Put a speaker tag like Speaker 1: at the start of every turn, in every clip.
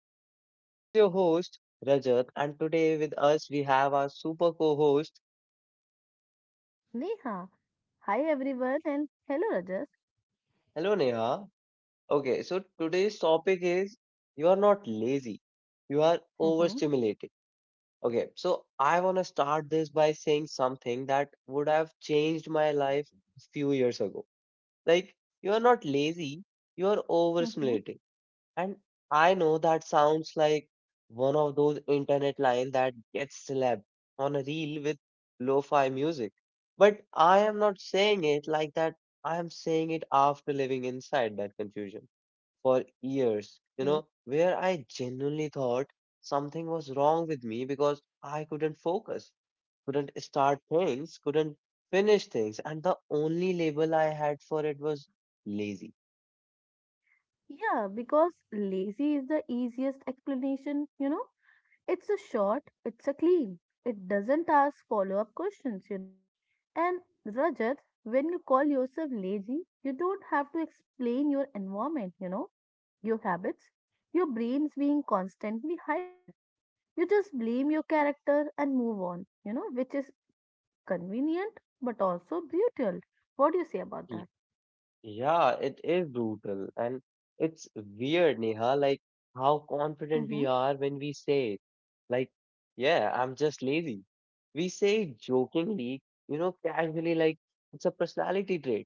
Speaker 1: So, this is your host, Rajat, and today with us we have our super co host.
Speaker 2: Neha, hi everyone, and hello Rajas.
Speaker 1: Hello, Neha. Okay, so today's topic is you are not lazy, you are
Speaker 2: Mm-hmm,
Speaker 1: overstimulated. Okay, so I want to start this by saying something that would have changed my life a few years ago. Like, you are not lazy, you are
Speaker 2: mm-hmm,
Speaker 1: overstimulated. And I know that sounds like one of those internet lines that gets slapped on a reel with lo-fi music. But I am not saying it like that. I am saying it after living inside that confusion for years, you
Speaker 2: yes.
Speaker 1: know, where I genuinely thought something was wrong with me because I couldn't focus, couldn't start things, couldn't finish things. And the only label I had for it was lazy.
Speaker 2: Yeah, because lazy is the easiest explanation, you know. It's a short, it's a clean, it doesn't ask follow up questions, you know. And Rajat, when you call yourself lazy, you don't have to explain your environment, you know, your habits, your brain's being constantly hijacked. You just blame your character and move on, you know, which is convenient but also brutal. What do you say about that?
Speaker 1: Yeah, it is brutal, and it's weird, Neha, like how confident
Speaker 2: Mm-hmm.
Speaker 1: we are when we say, like, yeah, I'm just lazy. We say it jokingly, you know, casually, like it's a personality trait.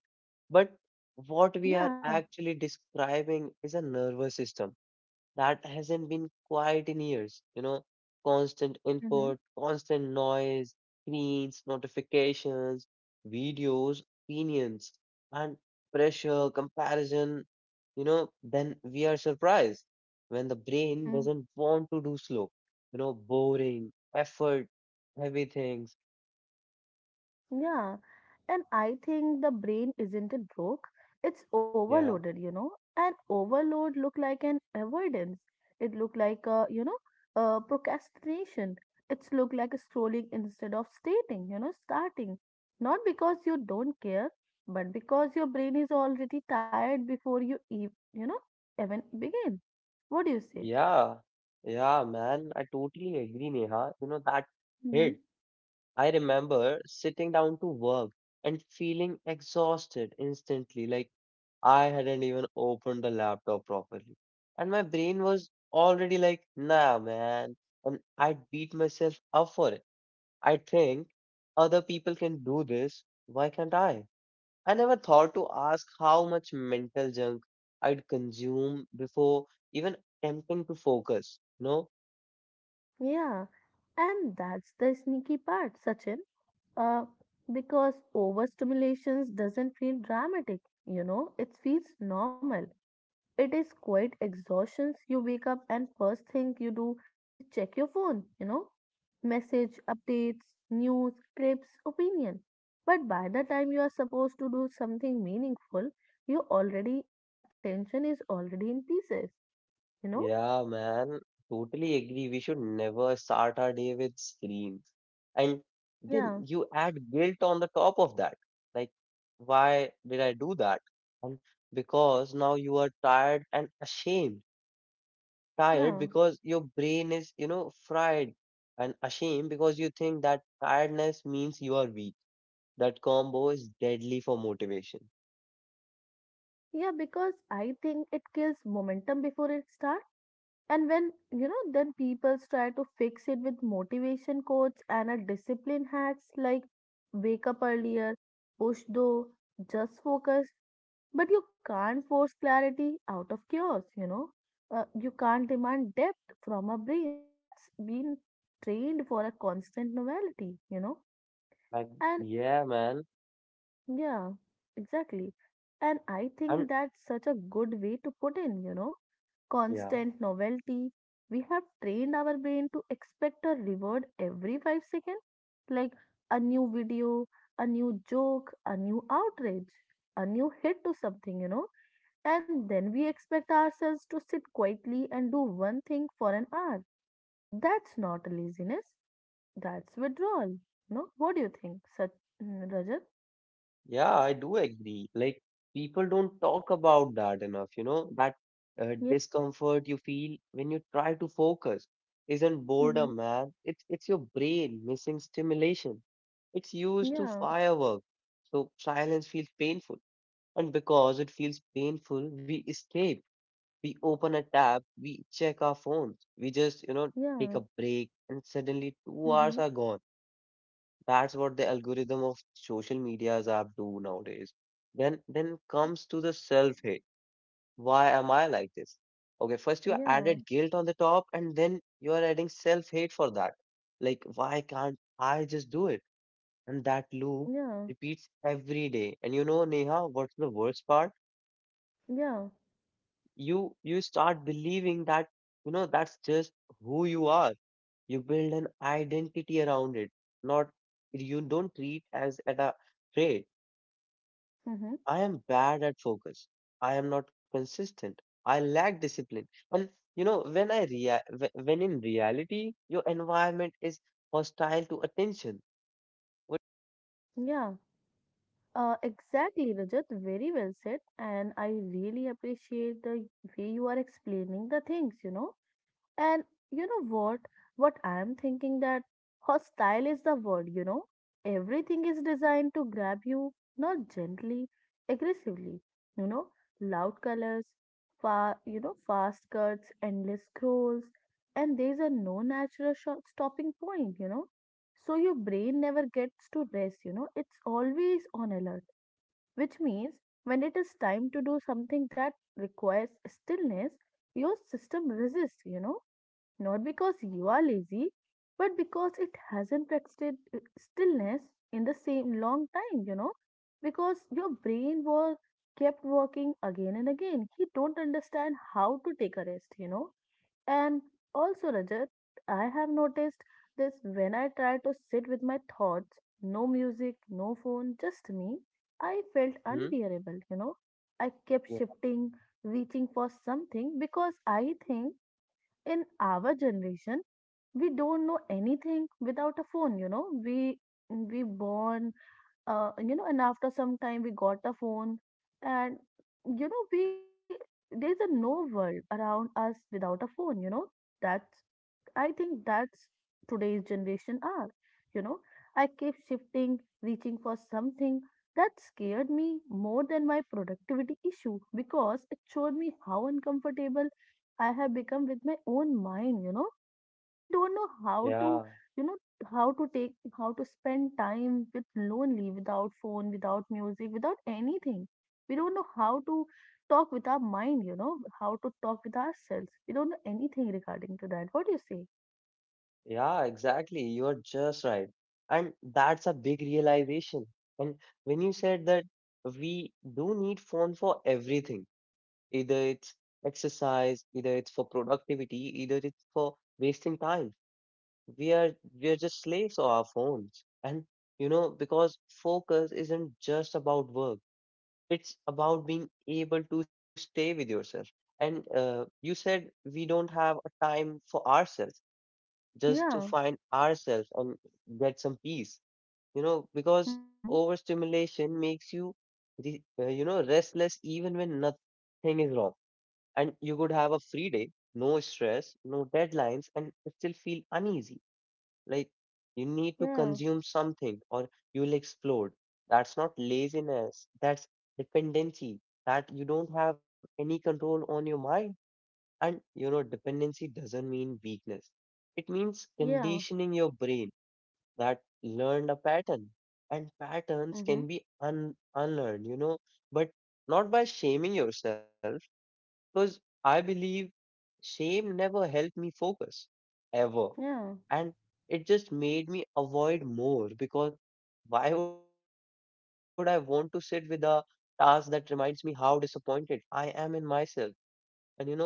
Speaker 1: But what we are
Speaker 2: Yeah.
Speaker 1: actually describing is a nervous system that hasn't been quiet in years. You know, constant
Speaker 2: Mm-hmm.
Speaker 1: input, constant noise, screens, notifications, videos, opinions, and pressure, comparison. You know, then we are surprised when the brain
Speaker 2: Mm.
Speaker 1: doesn't want to do slow, you know, boring, effort, heavy things.
Speaker 2: Yeah. And I think the brain isn't it broke? It's
Speaker 1: Yeah,
Speaker 2: overloaded, you know. And overload look like an avoidance. It look like a procrastination. It's look like a scrolling instead of stating, starting. Not because you don't care, but because your brain is already tired before you, even begin. What do you say?
Speaker 1: yeah, yeah, man. I totally agree, Neha. You know, that hit. I remember sitting down to work and feeling exhausted instantly, like I hadn't even opened the laptop properly. And my brain was already like, nah, man. And I'd beat myself up for it. I think other people can do this. Why can't I? I never thought to ask how much mental junk I'd consume before even attempting to focus. No.
Speaker 2: Yeah, and that's the sneaky part, Sachin. Uh, because overstimulation doesn't feel dramatic, you know, it feels normal. It is quite exhaustion. You wake up and first thing you do is check your phone, you know, message, updates, news, trips, opinion. But by the time you are supposed to do something meaningful, you already, attention is already in pieces, you know?
Speaker 1: Yeah, man, totally agree. We should never start our day with screens. And then
Speaker 2: Yeah,
Speaker 1: you add guilt on the top of that. Like, why did I do that? And because now you are tired and ashamed. Tired
Speaker 2: yeah.
Speaker 1: because your brain is, you know, fried, and ashamed because you think that tiredness means you are weak. That combo is deadly for motivation.
Speaker 2: Yeah, because I think it kills momentum before it starts. And when, then people try to fix it with motivation quotes and a discipline hacks like wake up earlier, push though, just focus. But you can't force clarity out of chaos, you know. You can't demand depth from a brain that's been trained for a constant novelty, you know.
Speaker 1: Like,
Speaker 2: And
Speaker 1: yeah, man.
Speaker 2: yeah, exactly. And I think
Speaker 1: And
Speaker 2: that's such a good way to put in, you know,
Speaker 1: yeah.
Speaker 2: constant novelty. We have trained our brain to expect a reward every 5 seconds, like a new video, a new joke, a new outrage, a new hit to something, you know. And then we expect ourselves to sit quietly and do one thing for an hour. That's not laziness, that's withdrawal. No, what do you think, Rajat?
Speaker 1: Yeah, I do agree. Like, people don't talk about that enough, you know, that
Speaker 2: Yeah.
Speaker 1: discomfort you feel when you try to focus isn't
Speaker 2: Hmm.
Speaker 1: boredom, man. It's your brain missing stimulation. It's used to
Speaker 2: Yeah.
Speaker 1: firework. So silence feels painful. And because it feels painful, we escape. We open a tab, we check our phones, we just, you know, take
Speaker 2: Yeah.
Speaker 1: a break, and suddenly 2 hours
Speaker 2: Mhm.
Speaker 1: are gone. That's what the algorithm of social media's app do nowadays. Then comes to the self-hate. Why am I like this? Okay, first you
Speaker 2: Yeah.
Speaker 1: added guilt on the top, and then you are adding self-hate for that. Like, why can't I just do it? And that loop
Speaker 2: Yeah.
Speaker 1: repeats every day. And you know, Neha, what's the worst part?
Speaker 2: Yeah.
Speaker 1: You start believing that, you know, that's just who you are. You build an identity around it, not you don't treat as at a trade.
Speaker 2: Mhm.
Speaker 1: I am bad at focus. I am not consistent. I lack discipline. And you know, when when in reality, your environment is hostile to attention. What?
Speaker 2: Yeah. Exactly, Rajat. Very well said. And I really appreciate the way you are explaining the things, you know. And you know what? What I'm thinking that hostile is the word, you know. Everything is designed to grab you, not gently, aggressively, you know. Loud colors, fast cuts, endless scrolls, and there's a no natural sho stopping point, you know. So your brain never gets to rest, you know. It's always on alert, which means when it is time to do something that requires stillness, your system resists, you know, not because you are lazy, but because it hasn't practiced stillness in the same long time, you know, because your brain was kept working again and again. He don't understand how to take a rest, you know. And also, Rajat, I have noticed this when I try to sit with my thoughts, no music, no phone, just me, I felt
Speaker 1: Hmm?
Speaker 2: unbearable, you know. I kept
Speaker 1: Yeah,
Speaker 2: shifting, reaching for something because I think in our generation we don't know anything without a phone, you know. We born, you know, and after some time we got a phone, and you know we there's a no world around us without a phone, you know. That's I think that's today's generation are. You know, I keep shifting, reaching for something that scared me more than my productivity issue because it showed me how uncomfortable I have become with my own mind. You know, we don't know how to,
Speaker 1: yeah,
Speaker 2: you know, how to take, how to spend time with lonely, without phone, without music, without anything. We don't know how to talk with our mind, you know, how to talk with ourselves. We don't know anything regarding to that. What do you say?
Speaker 1: yeah, exactly. You're just right. And that's a big realization. And when you said that we do need phone for everything, either it's exercise, either it's for productivity, either it's for wasting time. we are we are just slaves of our phones, and you know, because focus isn't just about work, it's about being able to stay with yourself. And you said we don't have a time for ourselves just to
Speaker 2: Yeah.
Speaker 1: find ourselves and get some peace, you know, because
Speaker 2: Mhm.
Speaker 1: overstimulation makes you you know, restless even when nothing is wrong. And you could have a free day, no stress, no deadlines, and still feel uneasy, like you need to
Speaker 2: Yeah.
Speaker 1: consume something, or you'll explode. That's not laziness. That's dependency. That you don't have any control on your mind. And you know, dependency doesn't mean weakness. It means
Speaker 2: Yeah.
Speaker 1: conditioning your brain that learned a pattern. And patterns
Speaker 2: Mhm.
Speaker 1: can be unlearned, you know, but not by shaming yourself. Because I believe shame never helped me focus, ever.
Speaker 2: Yeah.
Speaker 1: And it just made me avoid more, because why would I want to sit with a task that reminds me how disappointed I am in myself? And you know,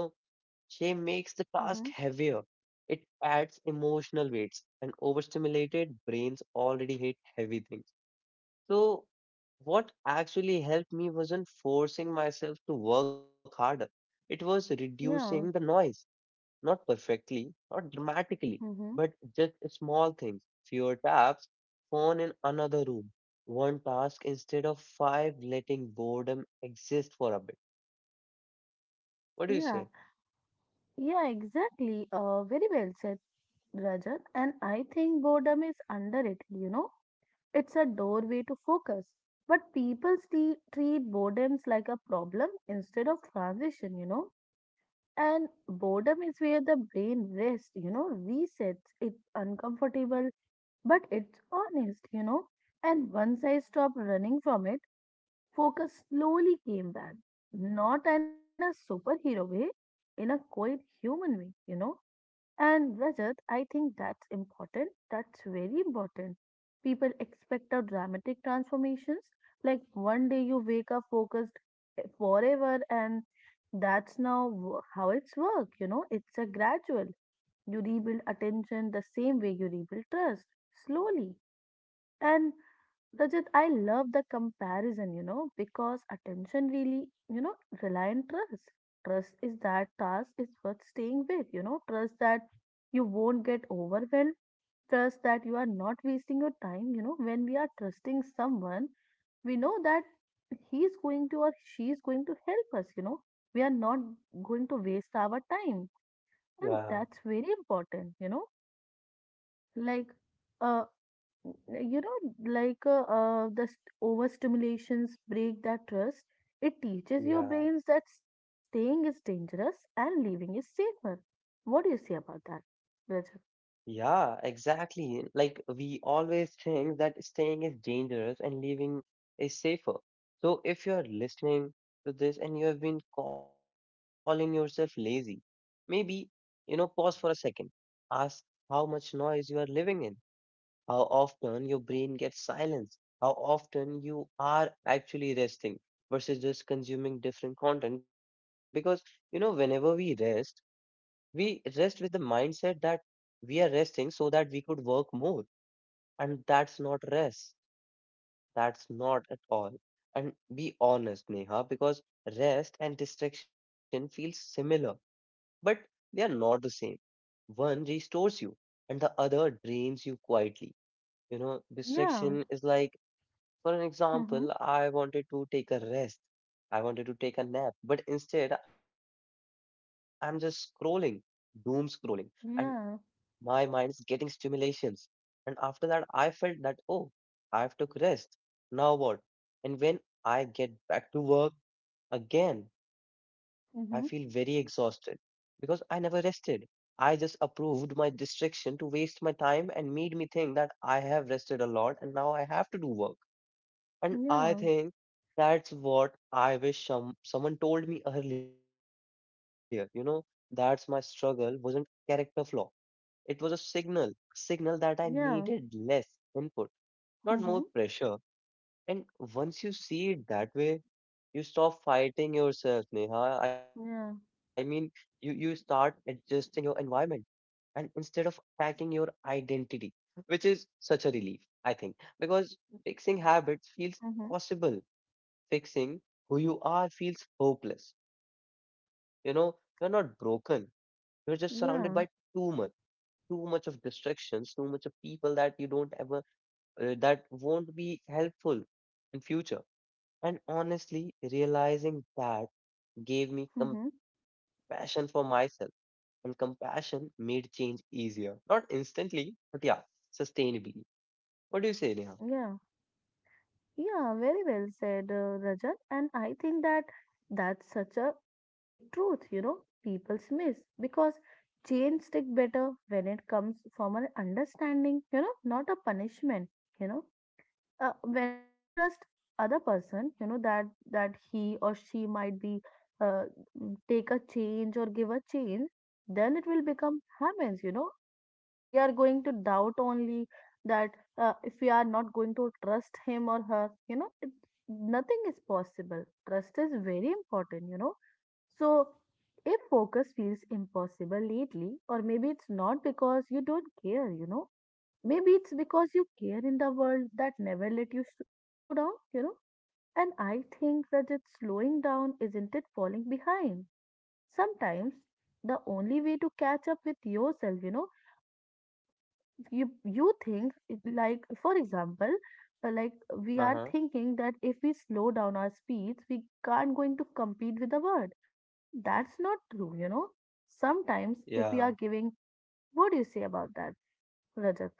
Speaker 1: shame makes the task heavier.
Speaker 2: Mhm.
Speaker 1: It adds emotional weights, and overstimulated brains already hate heavy things. So, what actually helped me wasn't forcing myself to work harder, it was reducing the
Speaker 2: Yeah.
Speaker 1: noise. Not perfectly, not dramatically,
Speaker 2: Mhm.
Speaker 1: but just small things. Fewer taps, phone in another room, one task instead of five, letting boredom exist for a bit. What do you say?
Speaker 2: Yeah. Yeah, exactly. Very well said, Rajat. And I think boredom is underrated, you know. It's a doorway to focus. But people still treat boredoms like a problem instead of transition, you know. And boredom is where the brain rests, you know, resets. It's uncomfortable, but it's honest, you know. And once I stopped running from it, focus slowly came back, not in a superhero way, in a quiet human way, you know. And Rajat, I think that's important. That's very important. People expect our dramatic transformations, like one day you wake up focused forever, and that's now how it's work. You know, it's a gradual. You rebuild attention the same way you rebuild trust, slowly. And Rajat, I love the comparison, you know, because attention really, you know, rely on trust. Trust is that task is worth staying with, you know, trust that you won't get overwhelmed, trust that you are not wasting your time, you know, when we are trusting someone, we know that he's going to or she is going to help us, you know, we are not going to waste our time. And
Speaker 1: Yeah,
Speaker 2: that's very important, you know, like, uh, you know, the overstimulations break that trust. It teaches your
Speaker 1: yeah.
Speaker 2: brains that staying is dangerous and leaving is safer. What do you say about that, Rajat?
Speaker 1: Yeah, exactly. Like we always think that staying is dangerous and leaving is safer. So if you're listening to this and you have been calling yourself lazy, maybe, you know, pause for a second. Ask how much noise you are living in, how often your brain gets silence, how often you are actually resting versus just consuming different content. Because, you know, whenever we rest with the mindset that we are resting so that we could work more. And that's not rest. That's not at all. And be honest, Neha, because rest and distraction feel similar, but they are not the same. One restores you, and the other drains you quietly. You know,
Speaker 2: Yeah.
Speaker 1: distraction is like, for an
Speaker 2: Mm-hmm.
Speaker 1: example, I wanted to take a rest. I wanted to take a nap, but instead I'm just scrolling, doom scrolling. And my
Speaker 2: Yeah.
Speaker 1: mind's getting stimulations. And after that, I felt that, oh, I've took rest. Now what? And when I get back to work again, I feel very
Speaker 2: Mm-hmm.
Speaker 1: exhausted because I never rested. I just approved my distraction to waste my time and made me think that I have rested a lot and now I have to do work. And I
Speaker 2: Yeah.
Speaker 1: think that's what I wish someone told me earlier. You know, that's my struggle wasn't character flaw, it was a signal, signal that I needed
Speaker 2: Yeah.
Speaker 1: less input, not more
Speaker 2: Mm-hmm.
Speaker 1: pressure. And once you see it that way, you stop fighting yourself, Neha. I mean,
Speaker 2: Yeah.
Speaker 1: you start adjusting your environment and instead of attacking your identity, which is such a relief, I think, because fixing habits feels
Speaker 2: Mm-hmm.
Speaker 1: possible. Fixing who you are feels hopeless. You know, you're not broken. You're just surrounded by
Speaker 2: Yeah.
Speaker 1: too much too much of distractions, too much of people that you don't ever, that won't be helpful in future. And honestly, realizing that gave me
Speaker 2: Mm-hmm.
Speaker 1: compassion for myself, and compassion made change easier. Not instantly, but yeah, sustainably. What do you say, Neha?
Speaker 2: Yeah. Yeah, very well said, Rajat. And I think that that's such a quiet truth, you know, people miss because chains stick better when it comes from an understanding, you know, not a punishment, you know. When we trust other person, you know, that he or she might be, uh, take a change or give a change, then it will become happens, you know. If we are going to doubt only that, if we are not going to trust him or her, you know it, nothing is possible. Trust is very important, you know. So, if focus feels impossible lately, or maybe it's not because you don't care, you know, maybe it's because you care in the world that never let you slow down, you know? And I think that it's slowing down, isn't it falling behind? Sometimes the only way to catch up with yourself, you know, uh, you, you think, like, for example, uh, like we are
Speaker 1: Uh-huh.
Speaker 2: thinking that if we slow down our speeds, we can't going to compete with the world. But that's not true, you know? Sometimes if we are
Speaker 1: Yeah.
Speaker 2: giving, what do you say about that, Rajat?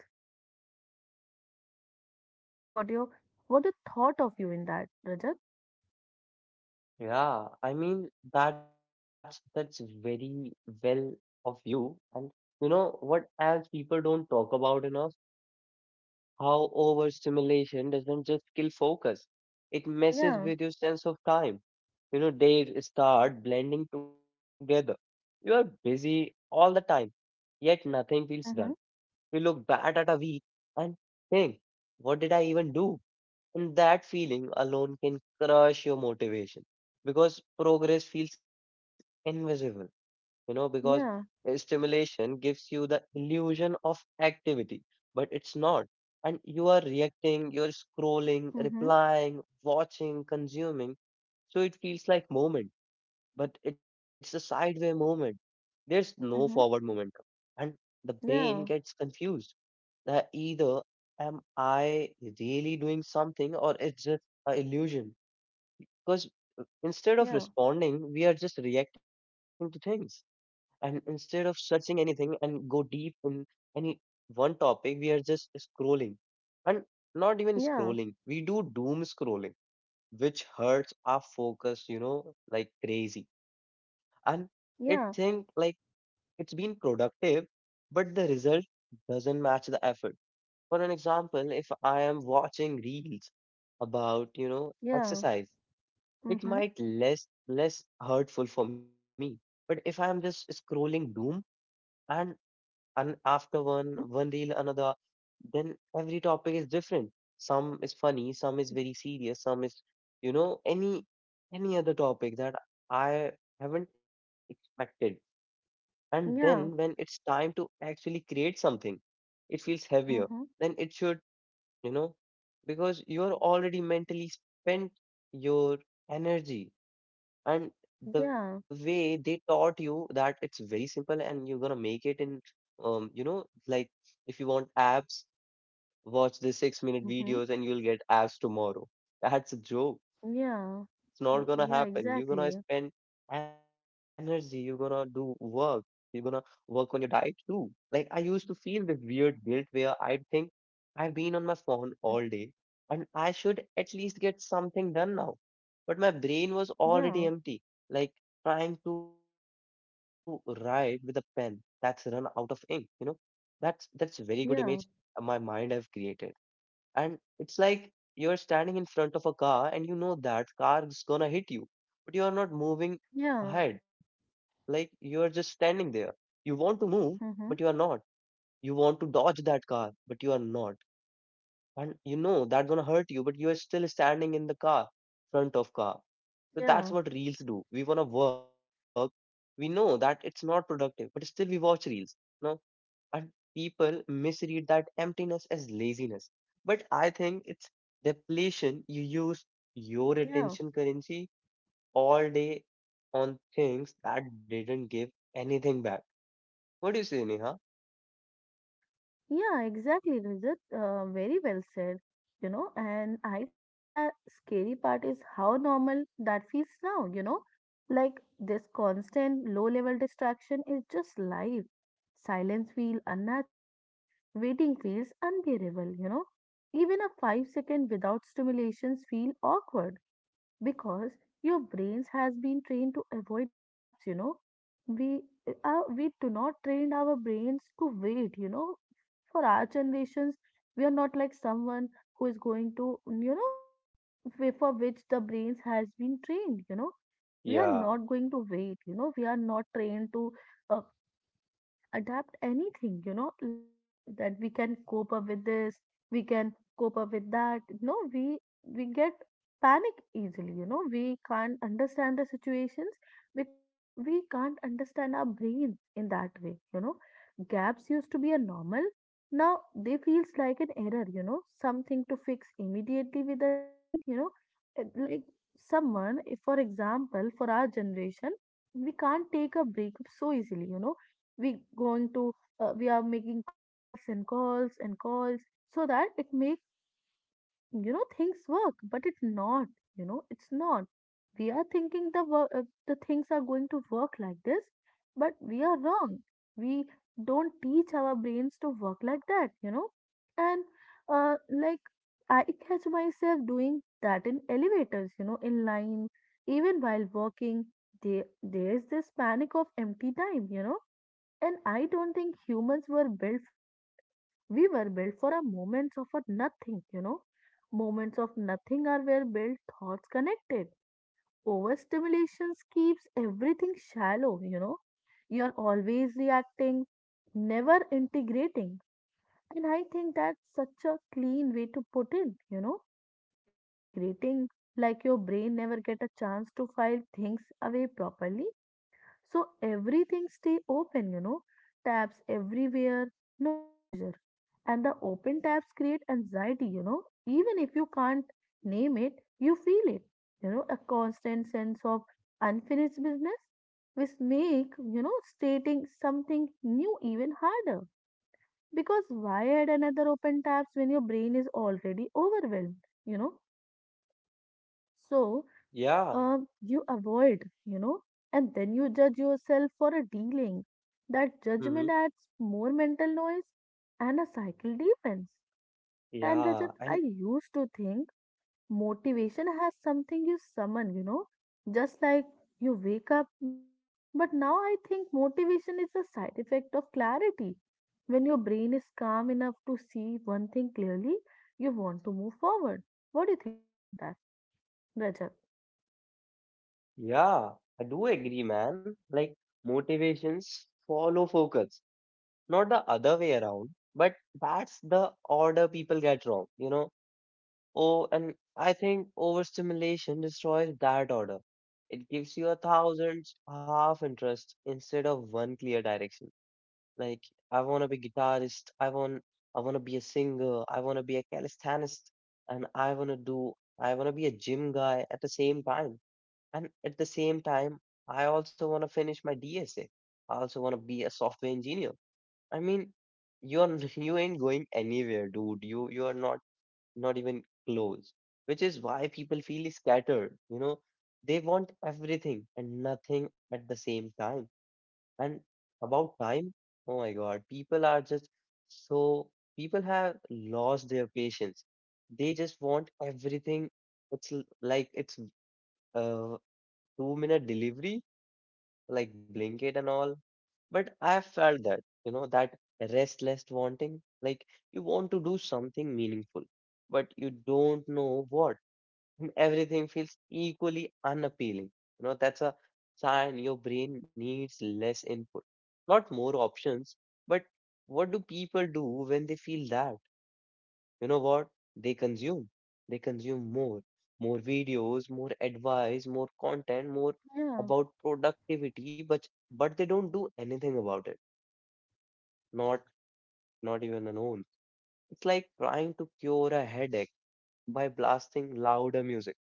Speaker 2: What you what you thought of you in that, Rajat?
Speaker 1: Yeah. I mean, that's very well of you. And you know what else people don't talk about enough? How overstimulation doesn't just kill focus, it messes
Speaker 2: Yeah.
Speaker 1: with your sense of time. You know, days start blending together. You are busy all the time, yet nothing feels done.
Speaker 2: Mm-hmm.
Speaker 1: You look back at a week and think, what did I even do? And that feeling alone can crush your motivation because progress feels invisible, you know, because
Speaker 2: Yeah.
Speaker 1: stimulation gives you the illusion of activity, but it's not. And you are reacting, you're scrolling,
Speaker 2: Mm-hmm.
Speaker 1: replying, watching, consuming. So it feels like movement, but it's a sideway movement. There's no forward
Speaker 2: Mm-hmm.
Speaker 1: momentum. And the brain
Speaker 2: Yeah.
Speaker 1: gets confused that either am I really doing something or it's just an illusion. Because instead of
Speaker 2: Yeah.
Speaker 1: responding, we are just reacting to things, and instead of searching anything and go deep in any one topic, we are just scrolling, and not even
Speaker 2: Yeah.
Speaker 1: scrolling, we do doom scrolling, which hurts our focus, you know, like crazy. And it think
Speaker 2: Yeah.
Speaker 1: like it's been productive, but the result doesn't match the effort. For an example, if I am watching reels about, you know,
Speaker 2: Yeah.
Speaker 1: exercise, it
Speaker 2: Mm-hmm.
Speaker 1: might less less hurtful for me. But if I am just scrolling doom, and and after
Speaker 2: Mm-hmm.
Speaker 1: one reel another, then every topic is different, some is funny, some is very serious, some is, you know, any other topic that I haven't expected. And then when
Speaker 2: Yeah.
Speaker 1: it's time to actually create something, it feels heavier
Speaker 2: Mm-hmm.
Speaker 1: than it should, you know, because you are already mentally spent, your energy. And the
Speaker 2: Yeah.
Speaker 1: way they taught you that it's very simple and you're gonna make it in, you know, like if you want abs, watch the 6 minute
Speaker 2: Mm-hmm.
Speaker 1: videos and you'll get abs tomorrow. That's a joke.
Speaker 2: Yeah.
Speaker 1: It's not
Speaker 2: Mm,
Speaker 1: gonna
Speaker 2: yeah,
Speaker 1: happen. You're gonna
Speaker 2: exactly.
Speaker 1: spend energy, you're gonna do work, you're gonna work on your diet too. Like I used to feel this weird guilt where I'd think I've been on my phone
Speaker 2: Mm,
Speaker 1: all day and I should at least get something done now. But my brain was already
Speaker 2: yeah.
Speaker 1: empty, like trying to write with a pen that's run out of ink, you know? That's a very good image
Speaker 2: Yeah.
Speaker 1: my mind have created, and it's like you're standing in front of a car and you know that car is gonna hit you, but you are not moving
Speaker 2: Yeah.
Speaker 1: ahead. Like you are just standing there, you want to move but you are
Speaker 2: Mm-hmm.
Speaker 1: not, you want to dodge that car but you are not, and you know that's gonna hurt you but you are still standing in the car, front of car. So
Speaker 2: Yeah.
Speaker 1: that's what reels do. We wanna work, we know that it's not productive but still we watch reels, no? And people misread that emptiness as laziness. But I think it's depletion. You use your
Speaker 2: Yeah.
Speaker 1: attention currency all day on things that didn't give anything back. What do you say, Neha?
Speaker 2: Yeah, exactly, Rajat. Very well said. You know, and I think that scary part is how normal that feels now, you know. Like this constant low level distraction is just life. Silence feels unnatural, waiting feels unbearable, you know. Even a 5 second without stimulations feel awkward because your brains has been trained to avoid gaps, you know. we we do not train our brains to wait, you know, for our generations. We are not like someone who is going to, you know, way for which the brains has been trained, you know. We are
Speaker 1: Yeah,
Speaker 2: not going to wait, you know, we are not trained to uh, adapt anything, you know, like that we can cope up with this, we can cope up with that. No, we get panic easily, you know, we can't understand the situations because we can't understand our brains in that way, you know. Gaps used to be a normal. Now they feels like an error, you know, something to fix immediately with a screen, you know. Like someone, if for example, for our generation, we can't take a break so easily, you know. We going to, we are making calls and calls and calls so that it makes, you know, things work but it's not, you know, it's not, we are thinking the work, the things are going to work like this but we are wrong. We don't teach our brains to work like that, you know. And like I catch myself doing that in elevators, you know, in line, even while walking. There's this panic of empty time, you know, and I don't think humans were built for that. We were built for a moments of a nothing, you know. Moments of nothing are where built thoughts connected. Overstimulations keeps everything shallow, you know. You're always reacting, never integrating. And I think that's such a clean way to put in, you know. Integrating like your brain never get a chance to file things away properly so everything stay open, you know, tabs everywhere, no closure. And the open tabs create anxiety, even if you can't name it, you feel it, a constant sense of unfinished business, which make stating something new even harder. Because why add another open tabs when your brain is already overwhelmed? So
Speaker 1: yeah,
Speaker 2: um, you avoid, and then you judge yourself for a dealing. That
Speaker 1: mm-hmm.
Speaker 2: judgment adds more mental noise and a cycle deepens. And
Speaker 1: Yeah,
Speaker 2: Rajat, I
Speaker 1: and
Speaker 2: used to think motivation has something you summon, just like you wake up with it. But now I think motivation is a side effect of clarity. When your brain is calm enough to see one thing clearly, you want to move forward. What do you think about that, Rajat?
Speaker 1: yeah, I do agree, man. Like, motivations follow focus, not the other way around. But that's the order people get wrong, you know. Oh, and I think overstimulation destroys that order. It gives you a thousand half interests instead of one clear direction. Like, I want to be guitarist, I want to be a singer, I want to be a calisthenics, and I want to do I want to be a gym guy at the same time. And at the same time, I also want to finish my DSA. I also want to be a software engineer. I mean, you're you ain't going anywhere, dude. You are not not even close, which is why people feel scattered. You know, they want everything and nothing at the same time. And about time, oh my God, people are just so, people have lost their patience. They just want everything. It's like it's uh, 2 minute delivery, like Blinkit and all. But I felt that, you know, that restless wanting, like you want to do something meaningful, but you don't know what, and everything feels equally unappealing. You know, that's a sign your brain needs less input, not more options. But what do people do when they feel that? You know what? They consume. They consume more, more videos, more advice, more content, more
Speaker 2: Yeah,
Speaker 1: about productivity, but they don't do anything about it. Not not even an own. It's like trying to cure a headache by blasting louder music.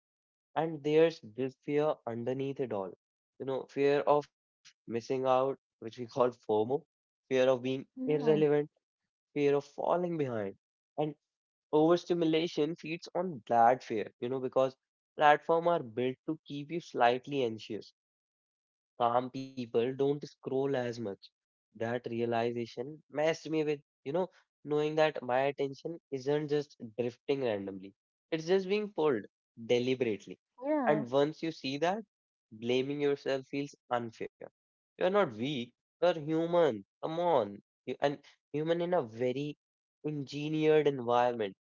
Speaker 1: And there's this fear underneath it all. You know, fear of missing out, which we call FOMO, fear of being
Speaker 2: yeah,
Speaker 1: irrelevant, fear of falling behind. And overstimulation feeds on that fear, you know, because platforms are built to keep you slightly anxious, calm people don't scroll as much. That realization messed me with, you know, knowing that my attention isn't just drifting randomly, it's just being pulled deliberately.
Speaker 2: yeah.
Speaker 1: And once you see that, blaming yourself feels unfair. You're not weak, you're human. Come on. You, and human in a very engineered environment.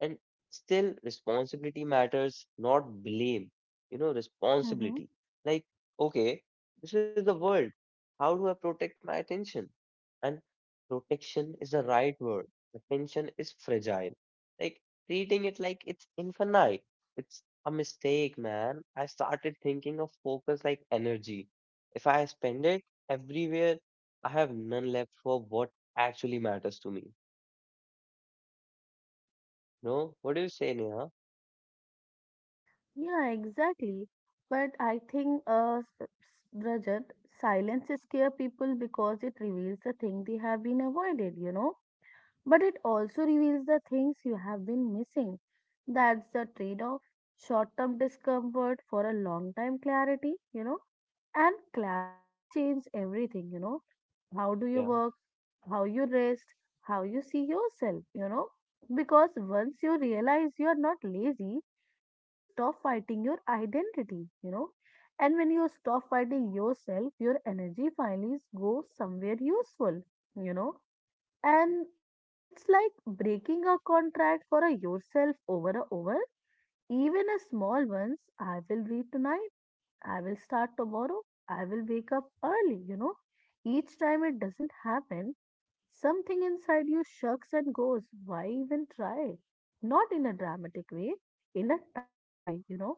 Speaker 1: And still, responsibility matters, not blame. You know,
Speaker 2: Mm-hmm.
Speaker 1: responsibility. Like, okay, this is the world. How do I protect my attention? And protection is the right word. Attention is fragile. Like, treating it like it's infinite. It's a mistake, man. I started thinking of focus like energy. If I spend it everywhere, I have none left for what actually matters to me. No? What do you say, Neha?
Speaker 2: Yeah, exactly. But I think, Rajat, silence scare people because it reveals the thing they have been avoided. But it also reveals the things you have been missing. That's the trade-off. Short-term discomfort for a long-time clarity. And clarity changes everything. How do you
Speaker 1: Yeah.
Speaker 2: work? How you rest, how you see yourself. Because once you realize you are not lazy, you stop fighting your identity. And when you stop fighting yourself, your energy finally goes somewhere useful, you know. And it's like breaking a contract for a yourself over and over. Even a small ones, I will read tonight, I will start tomorrow, I will wake up early. Each time it doesn't happen something inside you shucks and goes, why even try? Not in a dramatic way, in a tired way.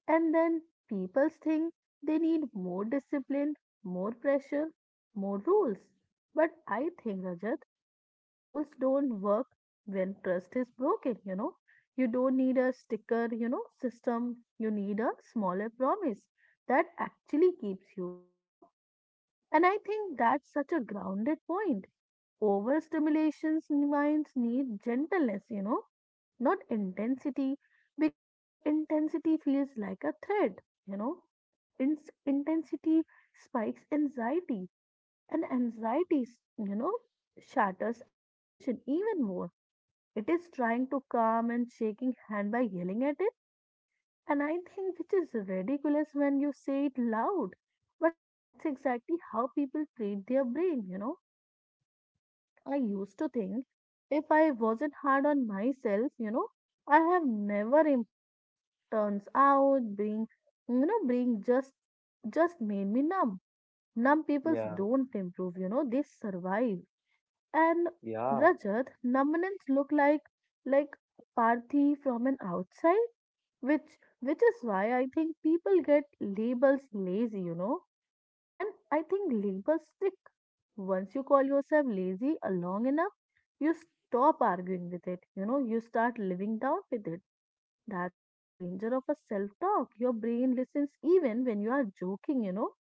Speaker 2: And then people think they need more discipline, more pressure, more rules. But I think, Rajat, rules don't work when trust is broken, you know. You don't need a system. You need a smaller promise that actually keeps you, you know. And I think that's such a grounded point. Overstimulation minds need gentleness, not intensity, because intensity feels like a threat, you know. Ins Intensity spikes anxiety, and anxiety, shatters attention even more. It is trying to calm and shaking hand by yelling at it, and I think which is ridiculous when you say it loud. But that's exactly how people treat their brain. I used to think if I wasn't hard on myself, I have never improved. Turns out being just made me numb. Numb
Speaker 1: Yeah.
Speaker 2: people don't improve, they survive. And
Speaker 1: Yeah,
Speaker 2: Rajat, numbness look like apathy from an outside, which is why I think people get labels lazy. And I think linkers stick. Once you call yourself lazy long enough, you stop arguing with it. You start living down with it. That's a danger of a self talk. Your brain listens even when you are joking.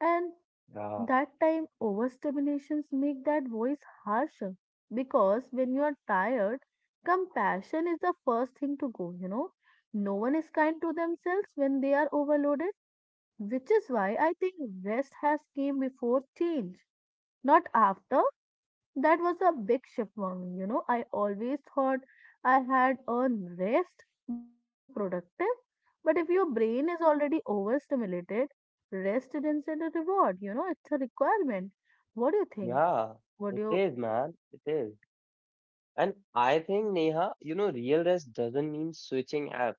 Speaker 2: And
Speaker 1: yeah,
Speaker 2: that time, overstimulations make that voice harsher because when you are tired, compassion is the first thing to go. No one is kind to themselves when they are overloaded, which is why I think rest has came before change, not after. That was a big shift for me. I always thought I had earned rest by being productive, but if your brain is already overstimulated, rest isn't a reward. It's a requirement. What do you think?
Speaker 1: yeah.
Speaker 2: What do
Speaker 1: It
Speaker 2: you?
Speaker 1: is, man. It is. And I think, Neha, you know, real rest doesn't mean switching apps.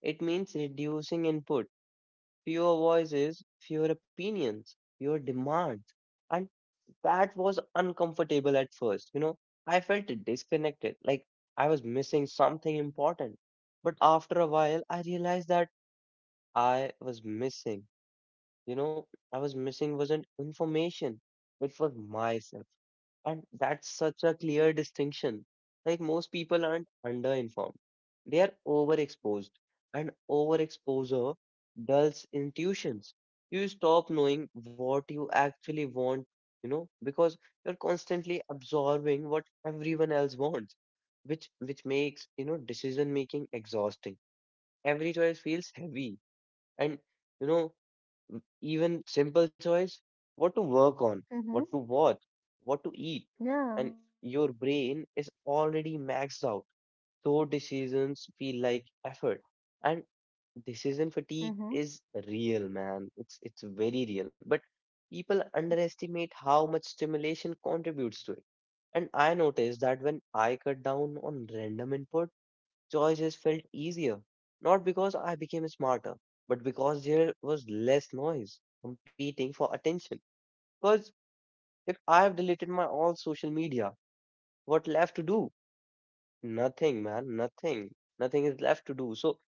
Speaker 1: It means reducing input, fewer voices, fewer opinions, fewer demands. And that was uncomfortable at first. You know, I felt disconnected, like I was missing something important. But after a while, I realized that I was missing. You know, I was missing wasn't information. It was myself. And that's such a clear distinction. Like, most people aren't underinformed. They are overexposed. And overexposure dulls intuitions. You stop knowing what you actually want, you know, because you're constantly absorbing what everyone else wants, which makes, you know, decision making exhausting. Every choice feels heavy. And you know, even simple choice, what to work on, what to
Speaker 2: Mhm.
Speaker 1: watch, what to eat,
Speaker 2: Yeah.
Speaker 1: and your brain is already maxed out, so decisions feel like effort. And decision fatigue
Speaker 2: Mhm.
Speaker 1: is real, man. It's very real. But people underestimate how much stimulation contributes to it. And I noticed that when I cut down on random input, choices felt easier, not because I became smarter, but because there was less noise competing for attention. Because if I have deleted my all social media, what left to do? Nothing, man, nothing. Nothing is left to do. So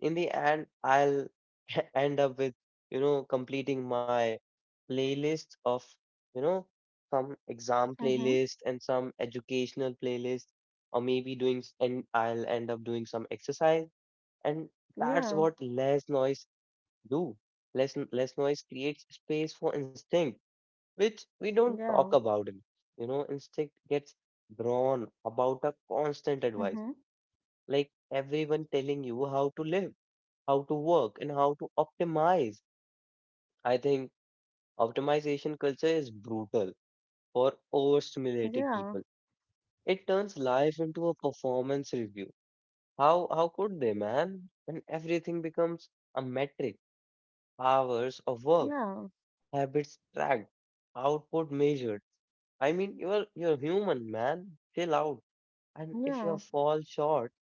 Speaker 1: in the end, I'll end up with, you know, completing my playlist of, you know, some exam
Speaker 2: Mhm.
Speaker 1: playlist and some educational playlist, or maybe doing and I'll end up doing some exercise. And
Speaker 2: Yeah.
Speaker 1: that's what less noise do. Less less noise creates space for instinct, which we don't talk
Speaker 2: Yeah.
Speaker 1: about enough. You know, instinct gets drawn about a constant advice,
Speaker 2: Mhm.
Speaker 1: like everyone telling you how to live, how to work, and how to optimize. I think optimization culture is brutal for overstimulated
Speaker 2: Yeah.
Speaker 1: people. It turns life into a performance review. How could they, man? And everything becomes a metric, hours of work,
Speaker 2: Yeah.
Speaker 1: habits tracked, output measured. I mean, you're human, man. Chill out. And if
Speaker 2: Yeah.
Speaker 1: you fall short,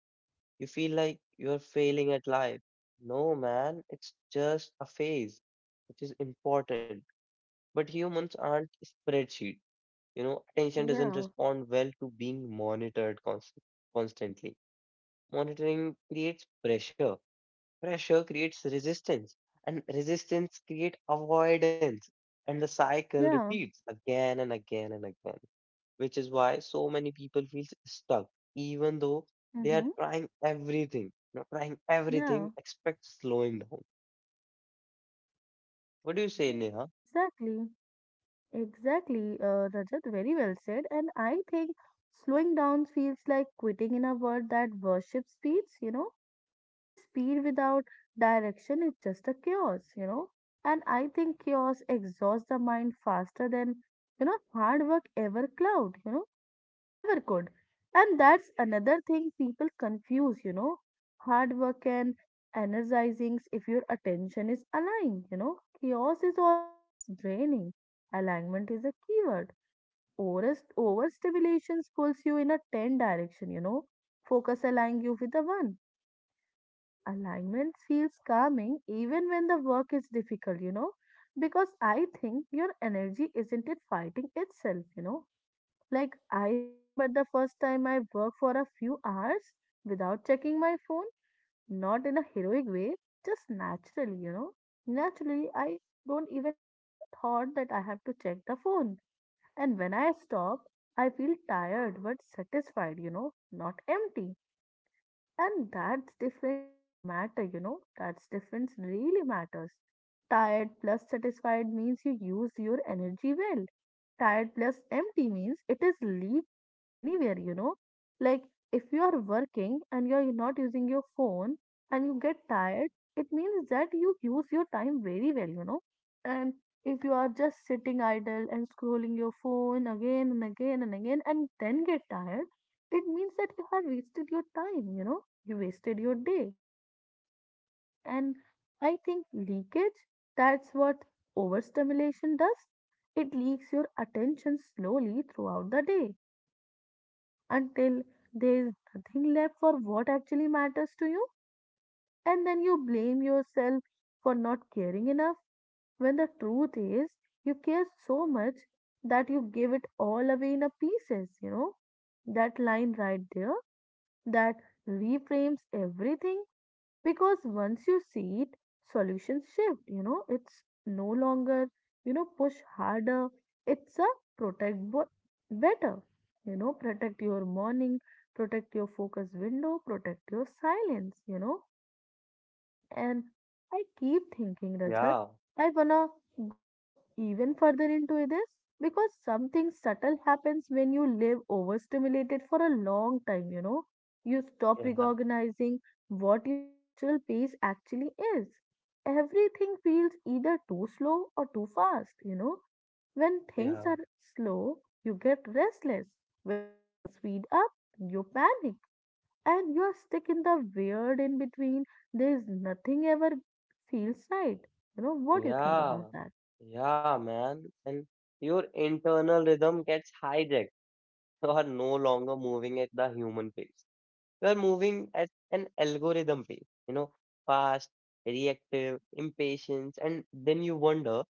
Speaker 1: you feel like you're failing at life. No, man, it's just a phase, which is important. But humans aren't spreadsheet. You know, attention doesn't
Speaker 2: Yeah.
Speaker 1: respond well to being monitored constantly. Monitoring creates pressure. Pressure creates resistance, and resistance creates avoidance, and the cycle
Speaker 2: Yeah.
Speaker 1: repeats again and again and again, which is why so many people feel stuck, even though they
Speaker 2: Mhm.
Speaker 1: are trying everything. You know, trying
Speaker 2: Yeah.
Speaker 1: everything, expect slowing down. What do you say,
Speaker 2: Yeah,
Speaker 1: Neha?
Speaker 2: exactly. Exactly, Rajat, very well said. And I think slowing down feels like quitting in a world that worships speeds. But the speed without direction is just a chaos. And I think chaos exhausts the mind faster than hard work ever cloud, ever could. And that's another thing people confuse, hard work and energizing if your attention is aligned. Chaos is always draining. Alignment is a keyword. Overstimulation pulls you in a ten direction. Focus aligns you with the one. And alignment feels calming even when the work is difficult. Because I think your energy isn't it fighting itself, like, I remember the first time I worked for a few hours without checking my phone, not in a heroic way, just naturally. Naturally, I don't even get a thought that I have to check the phone. And when I stop, I feel tired but satisfied, not empty. And that difference matter, that's difference really matters. Tired plus satisfied means you use your energy well. Tired plus empty means it is leak anywhere. Like if you are working and you are not using your phone and you get tired, it means that you use your time very well. And if you are just sitting idle and scrolling your phone again and again and again and then get tired, it means that you have wasted your time. You wasted your day. And I think leakage, that's what overstimulation does. It leaks your attention slowly throughout the day, you know, until there is nothing left for what actually matters to you. And then you blame yourself for not caring enough when the truth is you care so much that you give it all away in a pieces. That line right there that reframes everything because once you see it, solutions shift. It's no longer, push harder, it's a protect bo- better. Protect your morning, protect your focus window, protect your silence. And I keep thinking, Rajat,
Speaker 1: Yeah,
Speaker 2: I wanna go even further into this because something subtle happens when you live overstimulated for a long time, you know. You stop
Speaker 1: yeah,
Speaker 2: recognizing what your natural pace actually is. Everything feels either too slow or too fast. When
Speaker 1: yeah,
Speaker 2: things are slow, you get restless. When things speed up, you panic and you are stuck in the weird in between. There's nothing ever feels right. What do you think
Speaker 1: yeah,
Speaker 2: about that?
Speaker 1: yeah, man. And your internal rhythm gets hijacked. You are no longer moving at the human pace. We are moving at an algorithm pace, you know, fast, reactive, impatience, and then you wonder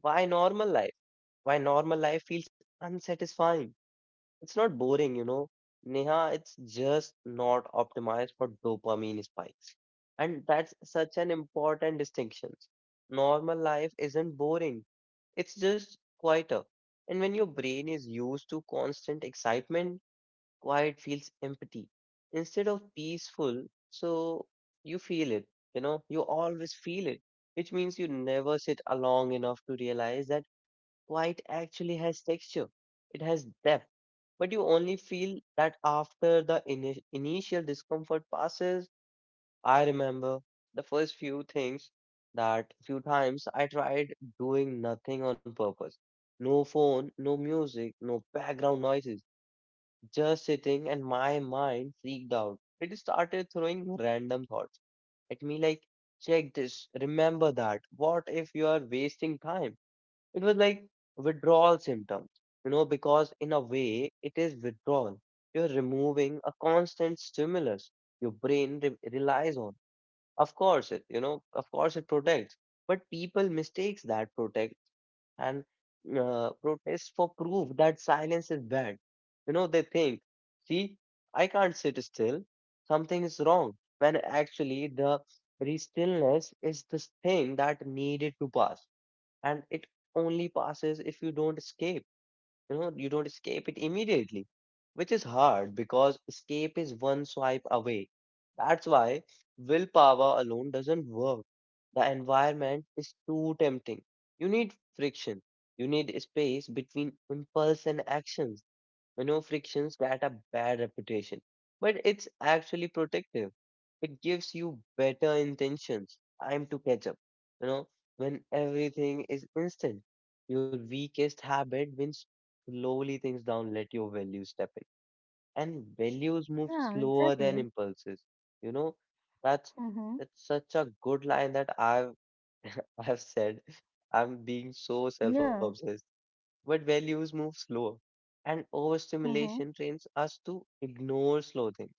Speaker 1: why normal life? Why normal life feels unsatisfying? It's not boring, you know. Neha, it's just not optimized for dopamine spikes. And that's such an important distinction. Normal life isn't boring, it's just quieter. And when your brain is used to constant excitement, quiet feels empty instead of peaceful. So you feel it, you know, you always feel it, which means you never sit long enough to realize that quiet actually has texture, it has depth. But you only feel that after the initial discomfort passes. I remember the first few things that few times I tried doing nothing on purpose. No phone, no music, no background noises, just sitting, and my mind freaked out. It started throwing random thoughts at me like, check this, remember that. What if you are wasting time? It was like withdrawal symptoms, you know, because in a way it is withdrawal. You're removing a constant stimulus your brain relies on. Of course, it you know, of course it protects, but people mistakes that protect and protest for proof that silence is bad. You know, they think, see, I can't sit still. Something is wrong. When actually the very stillness is this thing that needed to pass, and it only passes if you don't escape. You know, you don't escape it immediately, which is hard because escape is one swipe away. That's why willpower alone doesn't work, the environment is too tempting. You need friction, you need space between impulse and actions. You know, frictions get a bad reputation, but it's actually protective. It gives you better intentions time to catch up. You know, when everything is instant, your weakest habit wins. Slowly things down, let your values step in. And values move
Speaker 2: Yeah,
Speaker 1: slower
Speaker 2: exactly.
Speaker 1: than impulses. You know, that's
Speaker 2: Mm-hmm.
Speaker 1: that's such a good line that I've I've said. I'm being so
Speaker 2: Yeah.
Speaker 1: self-obsessed, but values move slower. And
Speaker 2: Mm-hmm.
Speaker 1: overstimulation trains us to ignore slow things,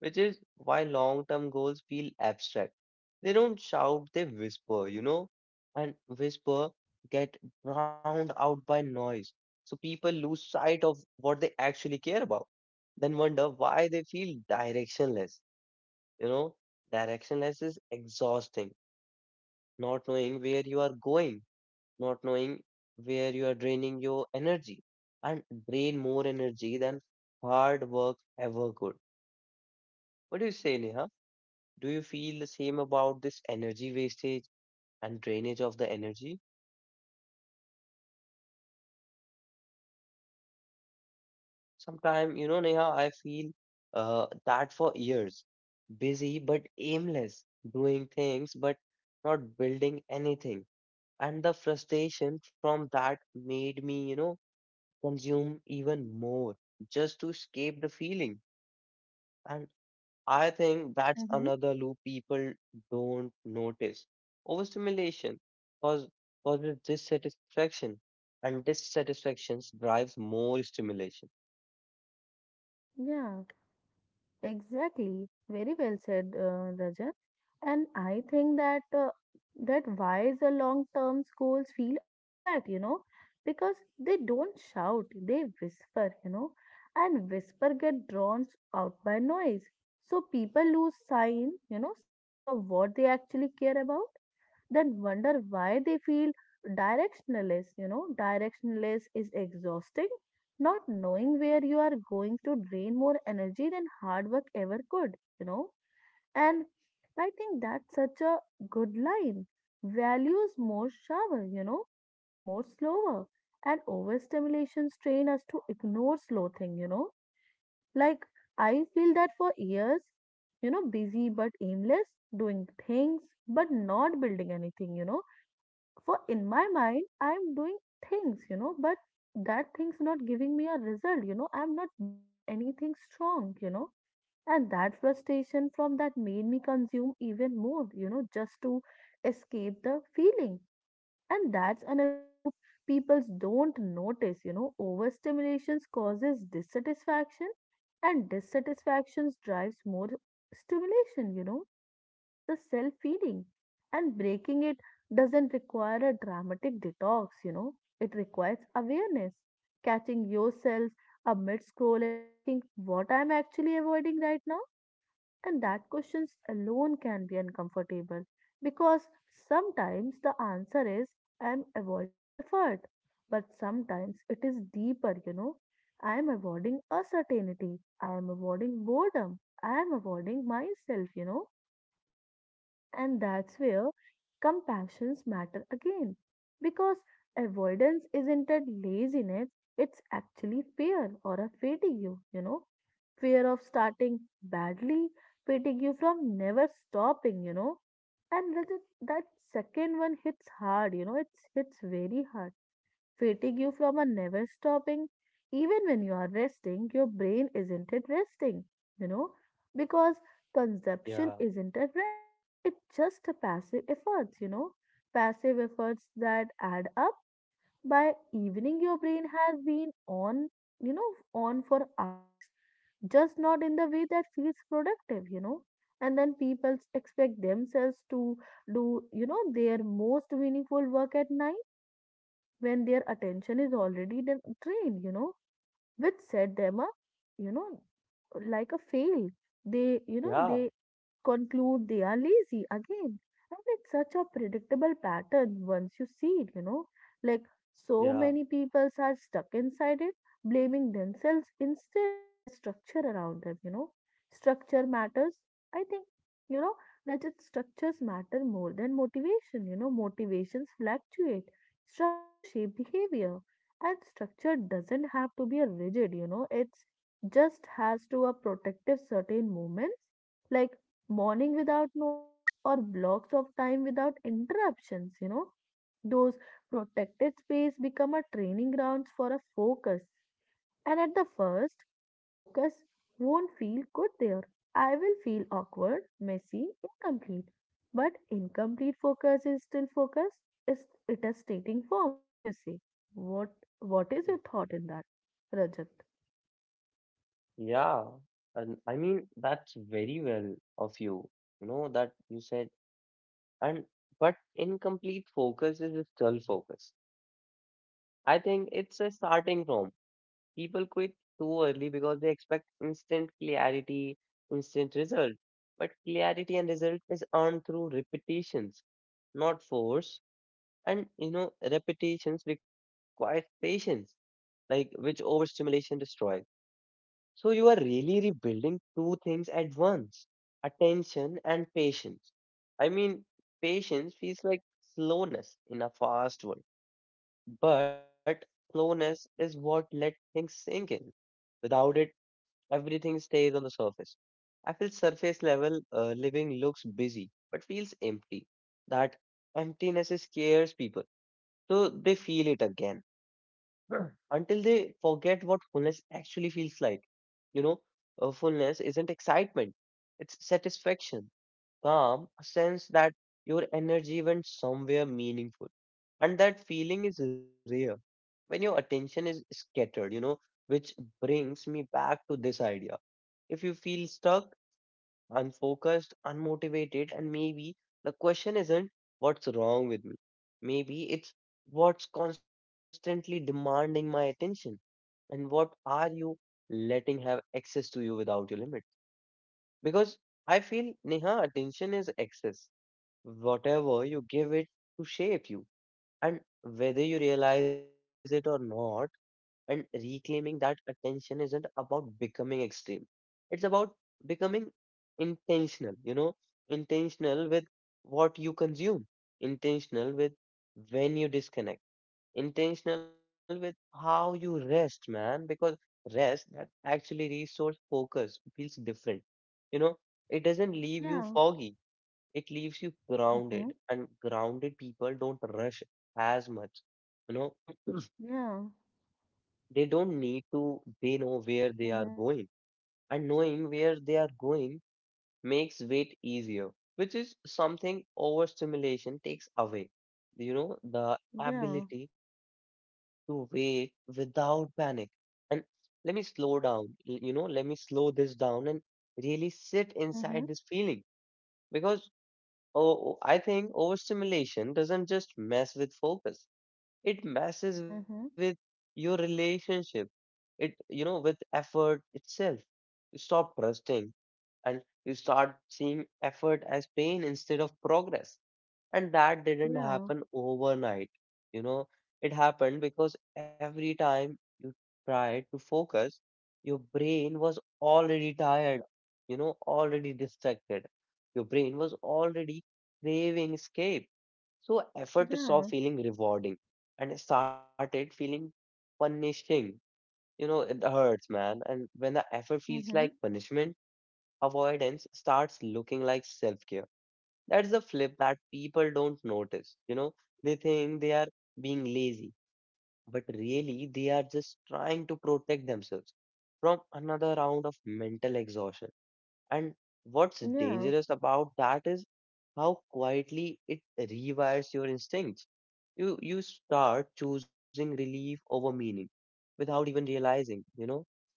Speaker 1: which is why long term goals feel abstract. They don't shout, they whisper, you know, and whisper get drowned out by noise. So people lose sight of what they actually care about, then wonder why they feel directionless. You know, directionless is exhausting, not knowing where you are going, not knowing where you are draining your energy, and drain more energy than hard work ever could. What do you say, Neha? Do you feel the same about this energy wastage and drainage of the energy? Sometimes, you know, Neha, I feel that for years, busy but aimless, doing things but not building anything. And the frustration from that made me, you know, consume even more just to escape the feeling. And I think that's
Speaker 2: Mm-hmm.
Speaker 1: another loop people don't notice. Overstimulation cause, causes dissatisfaction, and dissatisfaction drives more stimulation.
Speaker 2: Yeah. Exactly. Very well said, Rajat. And I think that why the long-term goals feel abstract, because they don't shout, they whisper, and whisper get drawn out by noise. So people lose sights of what they actually care about, then wonder why they feel directionless. Directionless is exhausting. Not knowing where you are going to drain more energy than hard work ever could. And I think that's such a good line. Values more shower, it's more slower. And overstimulation train us to ignore slow thing. Like I feel that for years, busy but aimless, doing things but not building anything, for in my mind I'm doing things, but that thing's not giving me a result. I'm not building anything strong. And that frustration from that made me consume even more, just to escape the feeling. And that's another loop people don't notice. Overstimulations causes dissatisfaction, and dissatisfactions drives more stimulation. It's a self feeding, and breaking it doesn't require a dramatic detox, it requires awareness, catching yourself a mid scroll and asking what I'm actually avoiding right now. And that questions alone can be uncomfortable because sometimes the answer is I'm avoiding effort, but sometimes it is deeper. I am avoiding uncertainty. I am avoiding boredom. I am avoiding myself, and that's where compassions matter again. Because avoidance isn't a laziness, it's actually fear or a fatigue, you know. Fear of starting badly, fatigue you from never stopping. And that second one hits hard, it's hits very hard fatigue you from a never stopping. Even when you are resting, your brain isn't it resting, you know, because consumption
Speaker 1: Yeah,
Speaker 2: isn't a rest. It's just a passive efforts, passive efforts that add up. By evening, your brain has been on, on for hours just not in the way that feels productive. And then people expect themselves to do their most meaningful work at night when their attention is already then trained, which set them up, you know, like a fail. They, you know,
Speaker 1: yeah,
Speaker 2: they conclude they are lazy again. And it's such a predictable pattern once you see it. Like
Speaker 1: yeah,
Speaker 2: so many people are stuck inside it, blaming themselves instead of the structure around them. Structure matters. I think, you know, that it structures matter more than motivation. Motivations fluctuate. Structure shape behavior. And structure doesn't have to be a rigid, it's just has to a protective certain moments like morning without noise or blocks of time without interruptions, you know. Those protected space become a training grounds for a focus. And at the first focus won't feel good there, I will feel awkward, messy, incomplete, but incomplete focus is still focus. Is it is stating form? What do you say? what
Speaker 1: y-
Speaker 2: what is your thought in that, rajat?
Speaker 1: yeah. And I mean, that's very well of you, you know, that you said. And but incomplete focus is a dull focus. I think it's a starting from. People quit too early because they expect instant clarity, instant result. But clarity and result is earned through repetitions, not force. And you know, repetitions requires patience, like which overstimulation destroys. So you are really rebuilding two things at once, attention and patience. I mean, patience feels like slowness in a fast world, but slowness is what let things sink in. Without it, everything stays on the surface. I feel surface level living looks busy but feels empty. That emptiness scares people, so they feel it again until they forget what fullness actually feels like. You know, fullness isn't excitement, it's satisfaction, calm, a sense that your energy went somewhere meaningful. And that feeling is rare when your attention is scattered, you know, which brings me back to this idea if you feel stuck, unfocused, unmotivated, and maybe the question isn't what's wrong with me. Maybe it's what's constantly demanding my attention and what are you letting have access to you without your limit. Because I feel, Neha, attention is access. Whatever you give it to shape you. And whether you realize it or not, and reclaiming that attention isn't about becoming extreme. It's about becoming intentional, you know, intentional with what you consume, intentional with when you disconnect, intentional with how you rest, man, because rest that actually resource focus feels different. You know, it doesn't leave you
Speaker 2: Yeah,
Speaker 1: foggy, it leaves you
Speaker 2: mm-hmm.
Speaker 1: grounded, and grounded people don't rush as much, you know,
Speaker 2: Yeah,
Speaker 1: they don't need to. They know where they are
Speaker 2: mm-hmm.
Speaker 1: going, and knowing where they are going makes weight easier, which is something overstimulation takes away, you know, the
Speaker 2: Yeah,
Speaker 1: ability to wait without panic. And let me slow down l- you know, let me slow this down and really sit
Speaker 2: mm-hmm.
Speaker 1: inside this feeling because oh, I think overstimulation doesn't just mess with focus, it messes with
Speaker 2: Mm-hmm.
Speaker 1: your relationship, it, you know, with effort itself. You stop trusting and you start seeing effort as pain instead of progress. And that didn't
Speaker 2: Yeah,
Speaker 1: happen overnight. You know, it happened because every time you tried to focus, your brain was already tired, you know, already distracted. Your brain was already craving escape. So effort
Speaker 2: yeah,
Speaker 1: stopped feeling rewarding and started feeling punishing, you know, it hurts, man. And when the effort feels like
Speaker 2: mm-hmm.
Speaker 1: punishment, avoidance starts looking like self-care. That's the flip that people don't notice. You know, they think they are being lazy, but really they are just trying to protect themselves from another round of mental exhaustion. And what's
Speaker 2: Yeah,
Speaker 1: dangerous about that is how quietly it rewires your instincts. You start choosing relief over meaning without even realizing, you know,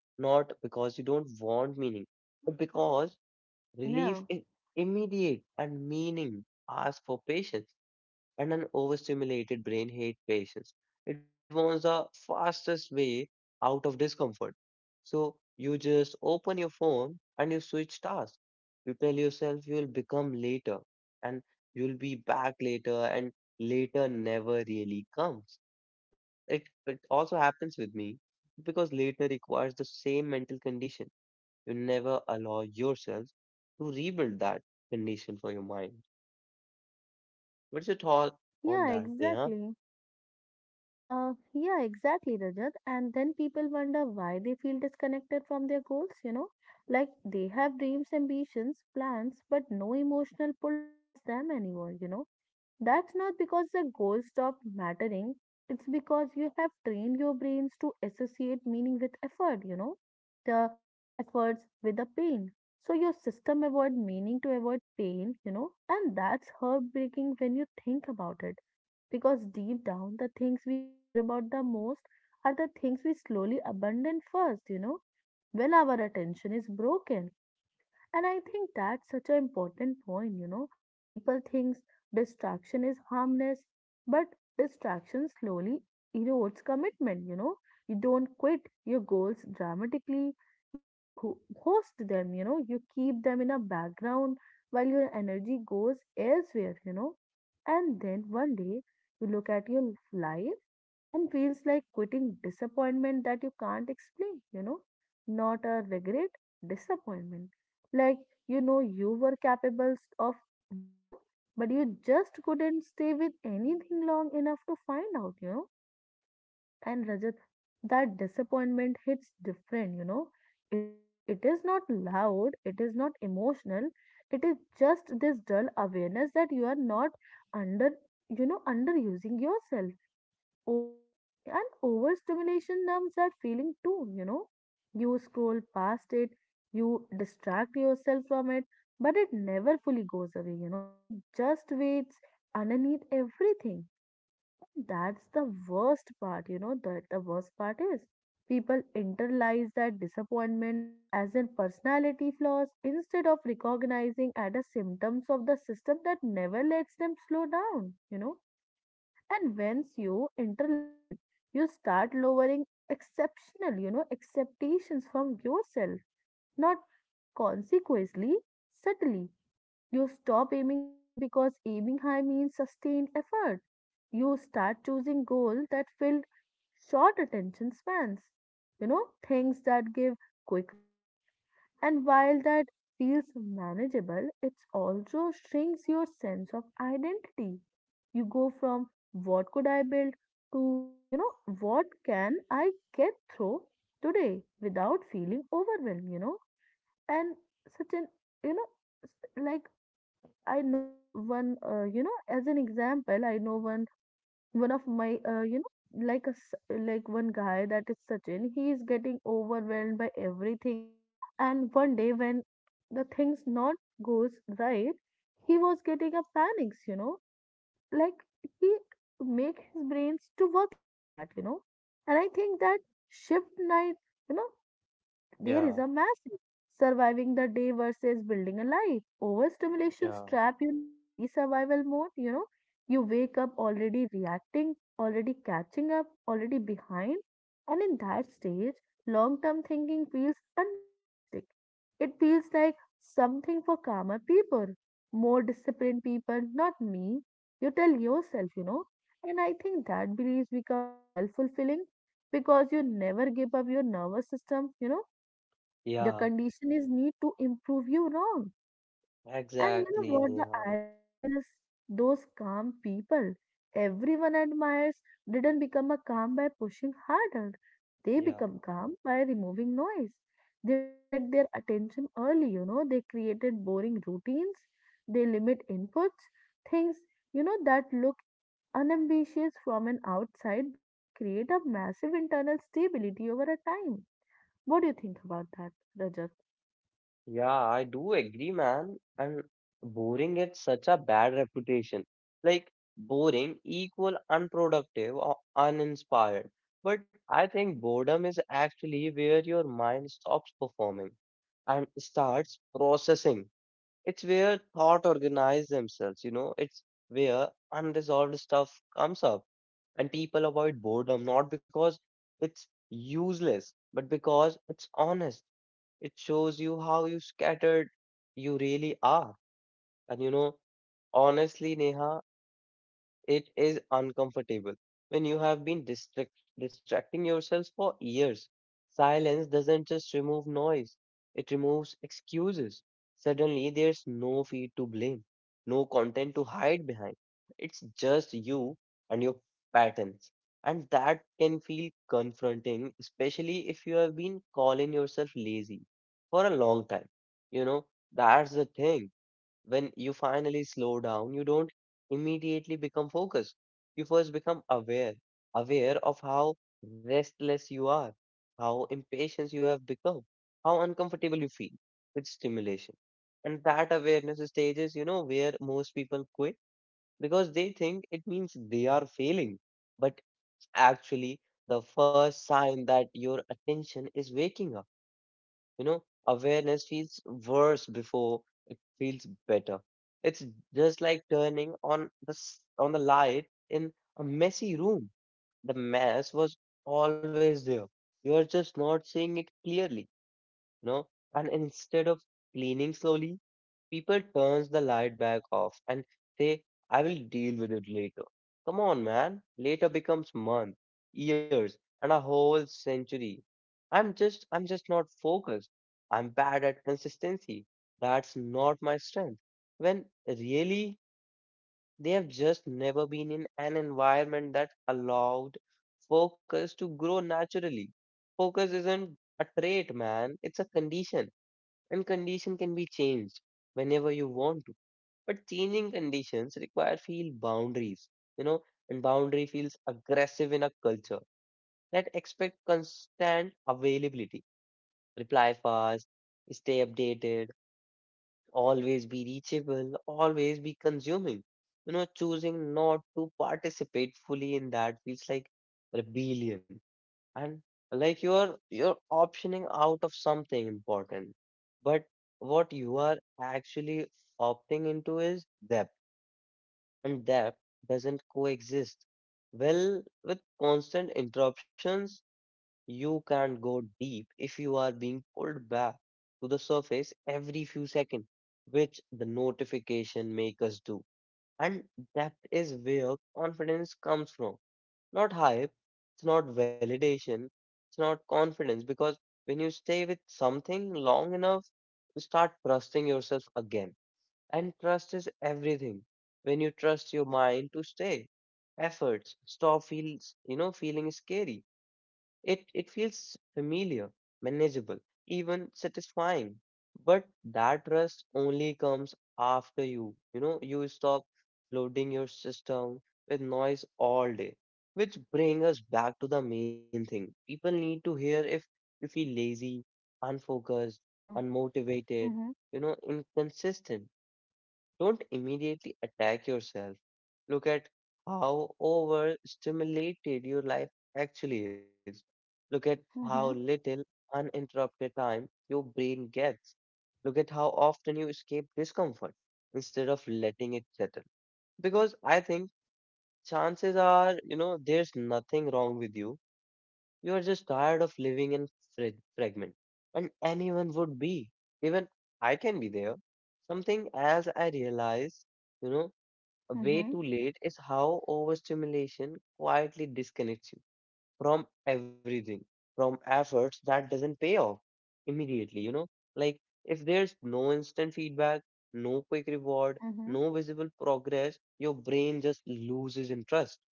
Speaker 1: not because you don't want meaning, but because
Speaker 2: yeah,
Speaker 1: relief is immediate and meaning asks for patience, and an overstimulated brain hate patience. It wants the fastest way out of discomfort. So you just open your phone and you switch tasks. You tell yourself you'll become later and you'll be back later and later never really comes. It also happens with me because later requires the same mental condition. You never allow yourself to rebuild that condition for your mind. What's your thought on
Speaker 2: yeah,
Speaker 1: that, Neha?
Speaker 2: exactly. Yeah, exactly, Rajat. And then people wonder why they feel disconnected from their goals, you know? Like they have dreams, ambitions, plans, but no emotional pull towards them anymore, you know? That's not because the goal stopped mattering, it's because you have trained your brains to associate meaning with effort, you know, the efforts with the pain. So your system avoid meaning to avoid pain, you know, and that's heartbreaking when you think about it. Because deep down, the things we care about the most are the things we slowly abandon first, you know, when our attention is broken. And I think that's such an important point, you know. People think distraction is harmless, but distraction slowly erodes commitment, you know. You don't quit your goals dramatically, you ghost them, you know, you keep them in a background while your energy goes elsewhere, you know. And then one day you look at your life and feels like quitting disappointment that you can't explain, you know, not a regret, disappointment. Like, you know, you were capable of more, but you just couldn't stay with anything long enough to find out, you know. And Rajat, that disappointment hits different, you know. It, it is not loud, it is not emotional, it is just this dull awareness that you are not under, you know, underusing yourself or and overstimulation numbs that feeling too, you know. You scroll past it, you distract yourself from it, but it never fully goes away, you know. It just waits underneath everything. That's the worst part, you know, that the worst part is. People internalize that disappointment as in personality flaws instead of recognizing as a symptoms of the system that never lets them slow down, you know. And once you internalize it you start lowering exceptional, you know, expectations from yourself, not consequently, subtly. You stop aiming high because aiming high means sustained effort. You start choosing goals that fill short attention spans, you know, things that give quick win. And while that feels manageable it also shrinks your sense of identity. You go from what could I build to, you know, what can I get through today without feeling overwhelmed, you know? And such an, you know, s- like I know one, you know, as an example, I know one of my, you know, like one guy that is Sachin, he is getting overwhelmed by everything. And one day when the things not goes right, he was getting a panics, you know, like he make his brains to work like that, you know. And I think that shift night, you know, there is
Speaker 1: Yeah.
Speaker 2: a massive surviving the day versus building a life. Overstimulation
Speaker 1: Yeah,
Speaker 2: trap you in a daily survival mode, you know. You wake up already reacting, already catching up, already behind. And in that stage, long term thinking feels unrealistic. It feels like something for calmer people, more disciplined people, not me. You tell yourself, you know. And I think that beliefs become a self fulfilling because you never give up your nervous system, you know, the
Speaker 1: yeah,
Speaker 2: condition is need to improve you wrong. And you know
Speaker 1: exactly,
Speaker 2: what the
Speaker 1: Neha.
Speaker 2: irony is? Those calm people everyone admires didn't become a calm by pushing harder. They
Speaker 1: Yeah,
Speaker 2: become calm by removing noise. They protect their attention early, you know. They created boring routines. They limit inputs, things, you know, that look unambitious from an outside but create a massive internal stability over a time. What do you think about that, Rajat?
Speaker 1: yeah, I do agree, man. And boring gets such a bad reputation. Like boring equal unproductive or uninspired. But I think boredom is actually where your mind stops performing and starts processing. It's where thought organize themselves, you know, it's where unresolved stuff comes up and people avoid boredom not because it's useless, but because it's honest. It shows you how you scattered you really are. And you know, honestly, Neha, it is uncomfortable. When you have been distracting yourselves for years, silence doesn't just remove noise, it removes excuses. Suddenly, there's no feed to blame, no content to hide behind. It's just you and your patterns. And that can feel confronting, especially if you have been calling yourself lazy for a long time. You know, that's the thing when you finally slow down, you don't immediately become focused. You first become aware, aware of how restless you are, how impatient you have become, how uncomfortable you feel with stimulation. And that awareness stages, you know, where most people quit because they think it means they are failing. But actually the first sign that your attention is waking up. You know, awareness feels worse before it feels better. It's just like turning on on the light in a messy room. The mess was always there. You are just not seeing it clearly, you know, and instead of cleaning slowly, people turns the light back off and say, I will deal with it later. Come on, man. Later becomes month, years, and a whole century. I'm just not focused. I'm bad at consistency. That's not my strength. When really, they have just never been in an environment that allowed focus to grow naturally. Focus isn't a trait, man. It's a condition, and condition can be changed whenever you want to, but changing conditions require feel boundaries, you know, and boundary feels aggressive in a culture that expect constant availability, reply fast, stay updated, always be reachable, always be consuming. You know, choosing not to participate fully in that feels like rebellion, and like you're optioning out of something important, but what you are actually opting into is depth, and depth doesn't coexist well with constant interruptions. You can't go deep if you are being pulled back to the surface every few seconds, which the notification makers do. And depth is where confidence comes from, not hype, it's not validation, it's not confidence because when you stay with something long enough, you start trusting yourself again. And trust is everything. When you trust your mind to stay, efforts stop feels, you know, feeling scary, it feels familiar, manageable, even satisfying. But that trust only comes after you, you know, you stop loading your system with noise all day. Which brings us back to the main thing. People need to hear if you feel lazy, unfocused,
Speaker 2: Yeah,
Speaker 1: unmotivated,
Speaker 2: mhm,
Speaker 1: you know, inconsistent. Don't immediately attack yourself. Look at how overstimulated your life actually is. Look at how
Speaker 2: mhm,
Speaker 1: little uninterrupted time your brain gets. Look at how often you escape discomfort instead of letting it settle. Because I think chances are, you know, there's nothing wrong with you. You are just tired of living in fra- fragment. And anyone would be. Even I can be there. Something else I realize, you know, way too
Speaker 2: mhm,
Speaker 1: late is how overstimulation quietly disconnects you from everything, from efforts that doesn't pay off immediately, you know? Like, if there's no instant feedback, no quick reward,
Speaker 2: mhm,
Speaker 1: no visible progress, your brain just loses interest.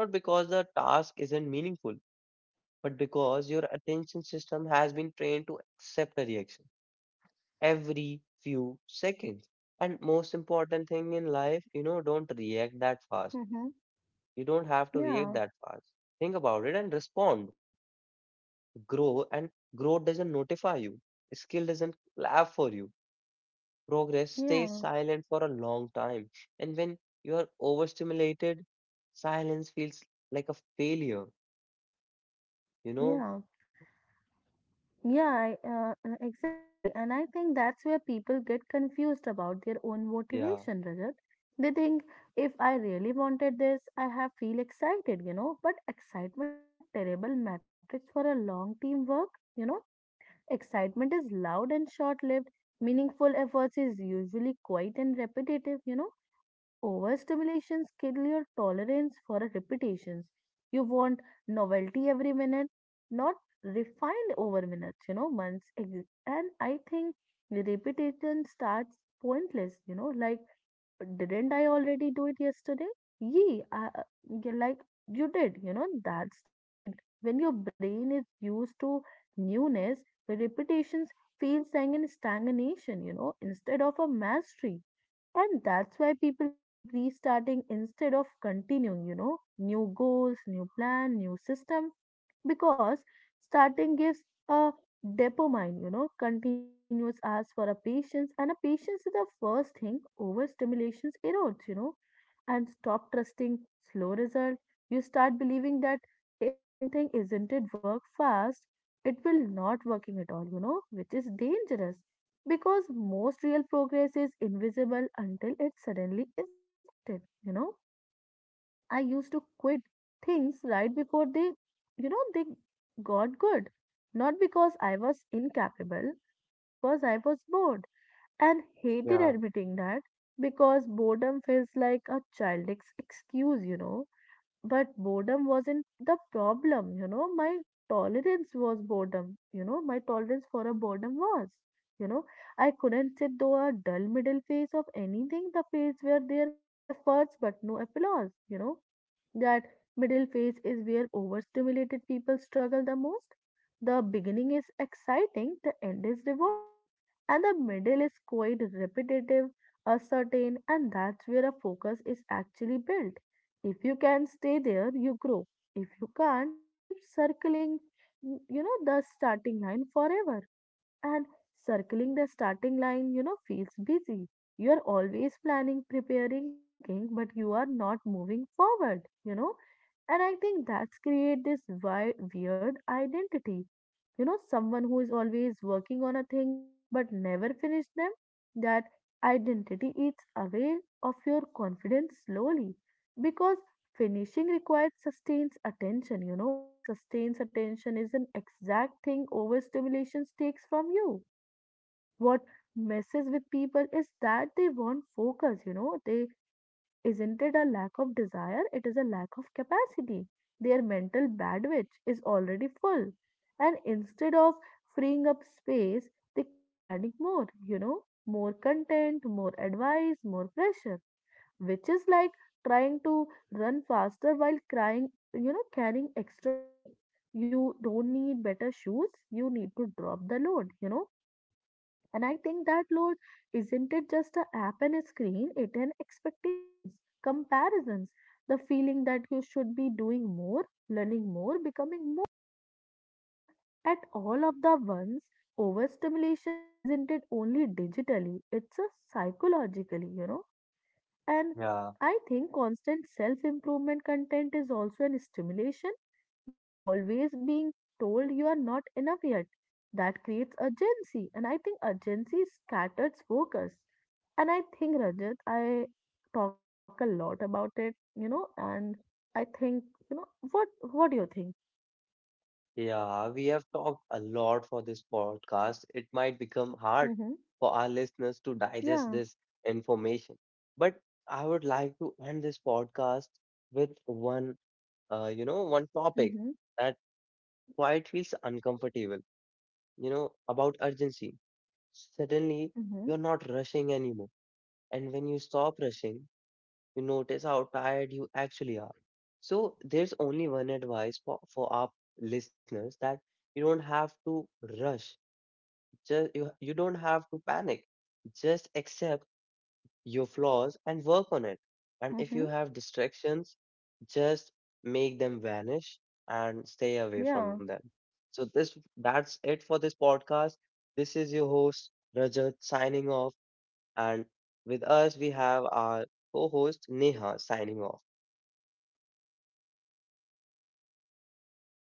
Speaker 1: Not because the task isn't meaningful, but because your attention system has been trained to accept a reaction every few seconds. And most important thing in life, you know, don't react that fast.
Speaker 2: mhm.
Speaker 1: You don't have to react
Speaker 2: Yeah,
Speaker 1: that fast. Think about it and respond, grow, and growth doesn't notify you, skill doesn't clap for you, progress stays
Speaker 2: yeah,
Speaker 1: silent for a long time, and when you are overstimulated silence feels like a failure, you know.
Speaker 2: yeah, yeah. Exactly. And I think that's where people get confused about their own
Speaker 1: Yeah,
Speaker 2: motivation, Rajat. They think if I really wanted this, I have feel excited, you know. But excitement is a terrible matrix for a long team work, you know. Excitement is loud and short lived. Meaningful efforts is usually quiet and repetitive, you know. And overstimulation kill your tolerance for repetitions. You want novelty every minute, not refined over minutes, you know, months. And I think repetition starts pointless, you know, like didn't I already do it yesterday? Ye, I, uh, you're like, you did, you know, that's the point. When your brain is used to newness, the repetitions feels like an stagnation, you know, instead of a mastery. And that's why people keep restarting instead of continuing, you know, new goals, new plan, new system because starting gives a dopamine, you know, continuous ask for a patience, and a patience is the first thing overstimulation erodes, you know, and stop trusting slow result. You start believing that if something isn't it work fast, it will not working at all, you know, which is dangerous because most real progress is invisible until it suddenly is it, you know. I used to quit things right before they, you know, they got good. Not because I was incapable, but because I was bored and hated
Speaker 1: yeah,
Speaker 2: admitting that because boredom feels like a childish excuse, you know. But boredom wasn't the problem, you know. My tolerance was boredom, you know. My tolerance for a boredom was, you know. I couldn't sit through a dull middle phase of anything. The phase where there efforts but no applause, you know, that middle phase is where overstimulated people struggle the most. The beginning is exciting, the end is rewarding, and the middle is quite repetitive, uncertain, and that's where a focus is actually built. If you can stay there, you grow. If you can't, you keep circling, you know, the starting line forever and circling the starting line, you know, feels busy. You are always planning, preparing, thinking, but you are not moving forward, you know. And I think that's create this weird identity. You know, someone who is always working on a things but never finish them, that identity eats away of your confidence slowly because finishing requires sustains attention, you know, and sustains attention is an exact thing overstimulation takes from you. What messes with people is that they want focus, you know, they isn't it a lack of desire, it is a lack of capacity. Their mental bandwidth is already full, and instead of freeing up space, they keep adding more, you know, more content, more advice, more pressure which is like trying to run faster while crying, you know, carrying extra weight. You don't need better shoes, you need to drop the load, you know. And I think that load isn't it just a app and a screen, it an expectations, comparisons, the feeling that you should be doing more, learning more, becoming more at all of the ones. Overstimulations isn't it only digitally, it's a psychologically, you know, and
Speaker 1: yeah,
Speaker 2: I think constant self improvement content is also an stimulation. You are always being told you are not enough yet. That creates urgency. And I think urgency scatters focus. And I think, Rajat, I talk a lot about it, you know, and I think, you know, what do you think?
Speaker 1: yeah, we have talked a lot for this podcast. It might become hard
Speaker 2: Mm-hmm.
Speaker 1: for our listeners to digest
Speaker 2: Yeah.
Speaker 1: this information, but I would like to end this podcast with one you know, one topic
Speaker 2: Mm-hmm.
Speaker 1: that quite feels uncomfortable, you know, about urgency. Suddenly,
Speaker 2: Mm-hmm.
Speaker 1: you're not rushing anymore. And when you stop rushing, you notice how tired you actually are. So, there's only one advice for our listeners that you don't have to rush. Just, you don't have to panic. Just accept your flaws and work on it. And if you
Speaker 2: Mm-hmm.
Speaker 1: have distractions, just make them vanish and stay away from
Speaker 2: Yeah.
Speaker 1: them. So this that's it for this podcast. This is your host Rajat signing off, and with us we have our co-host Neha signing off.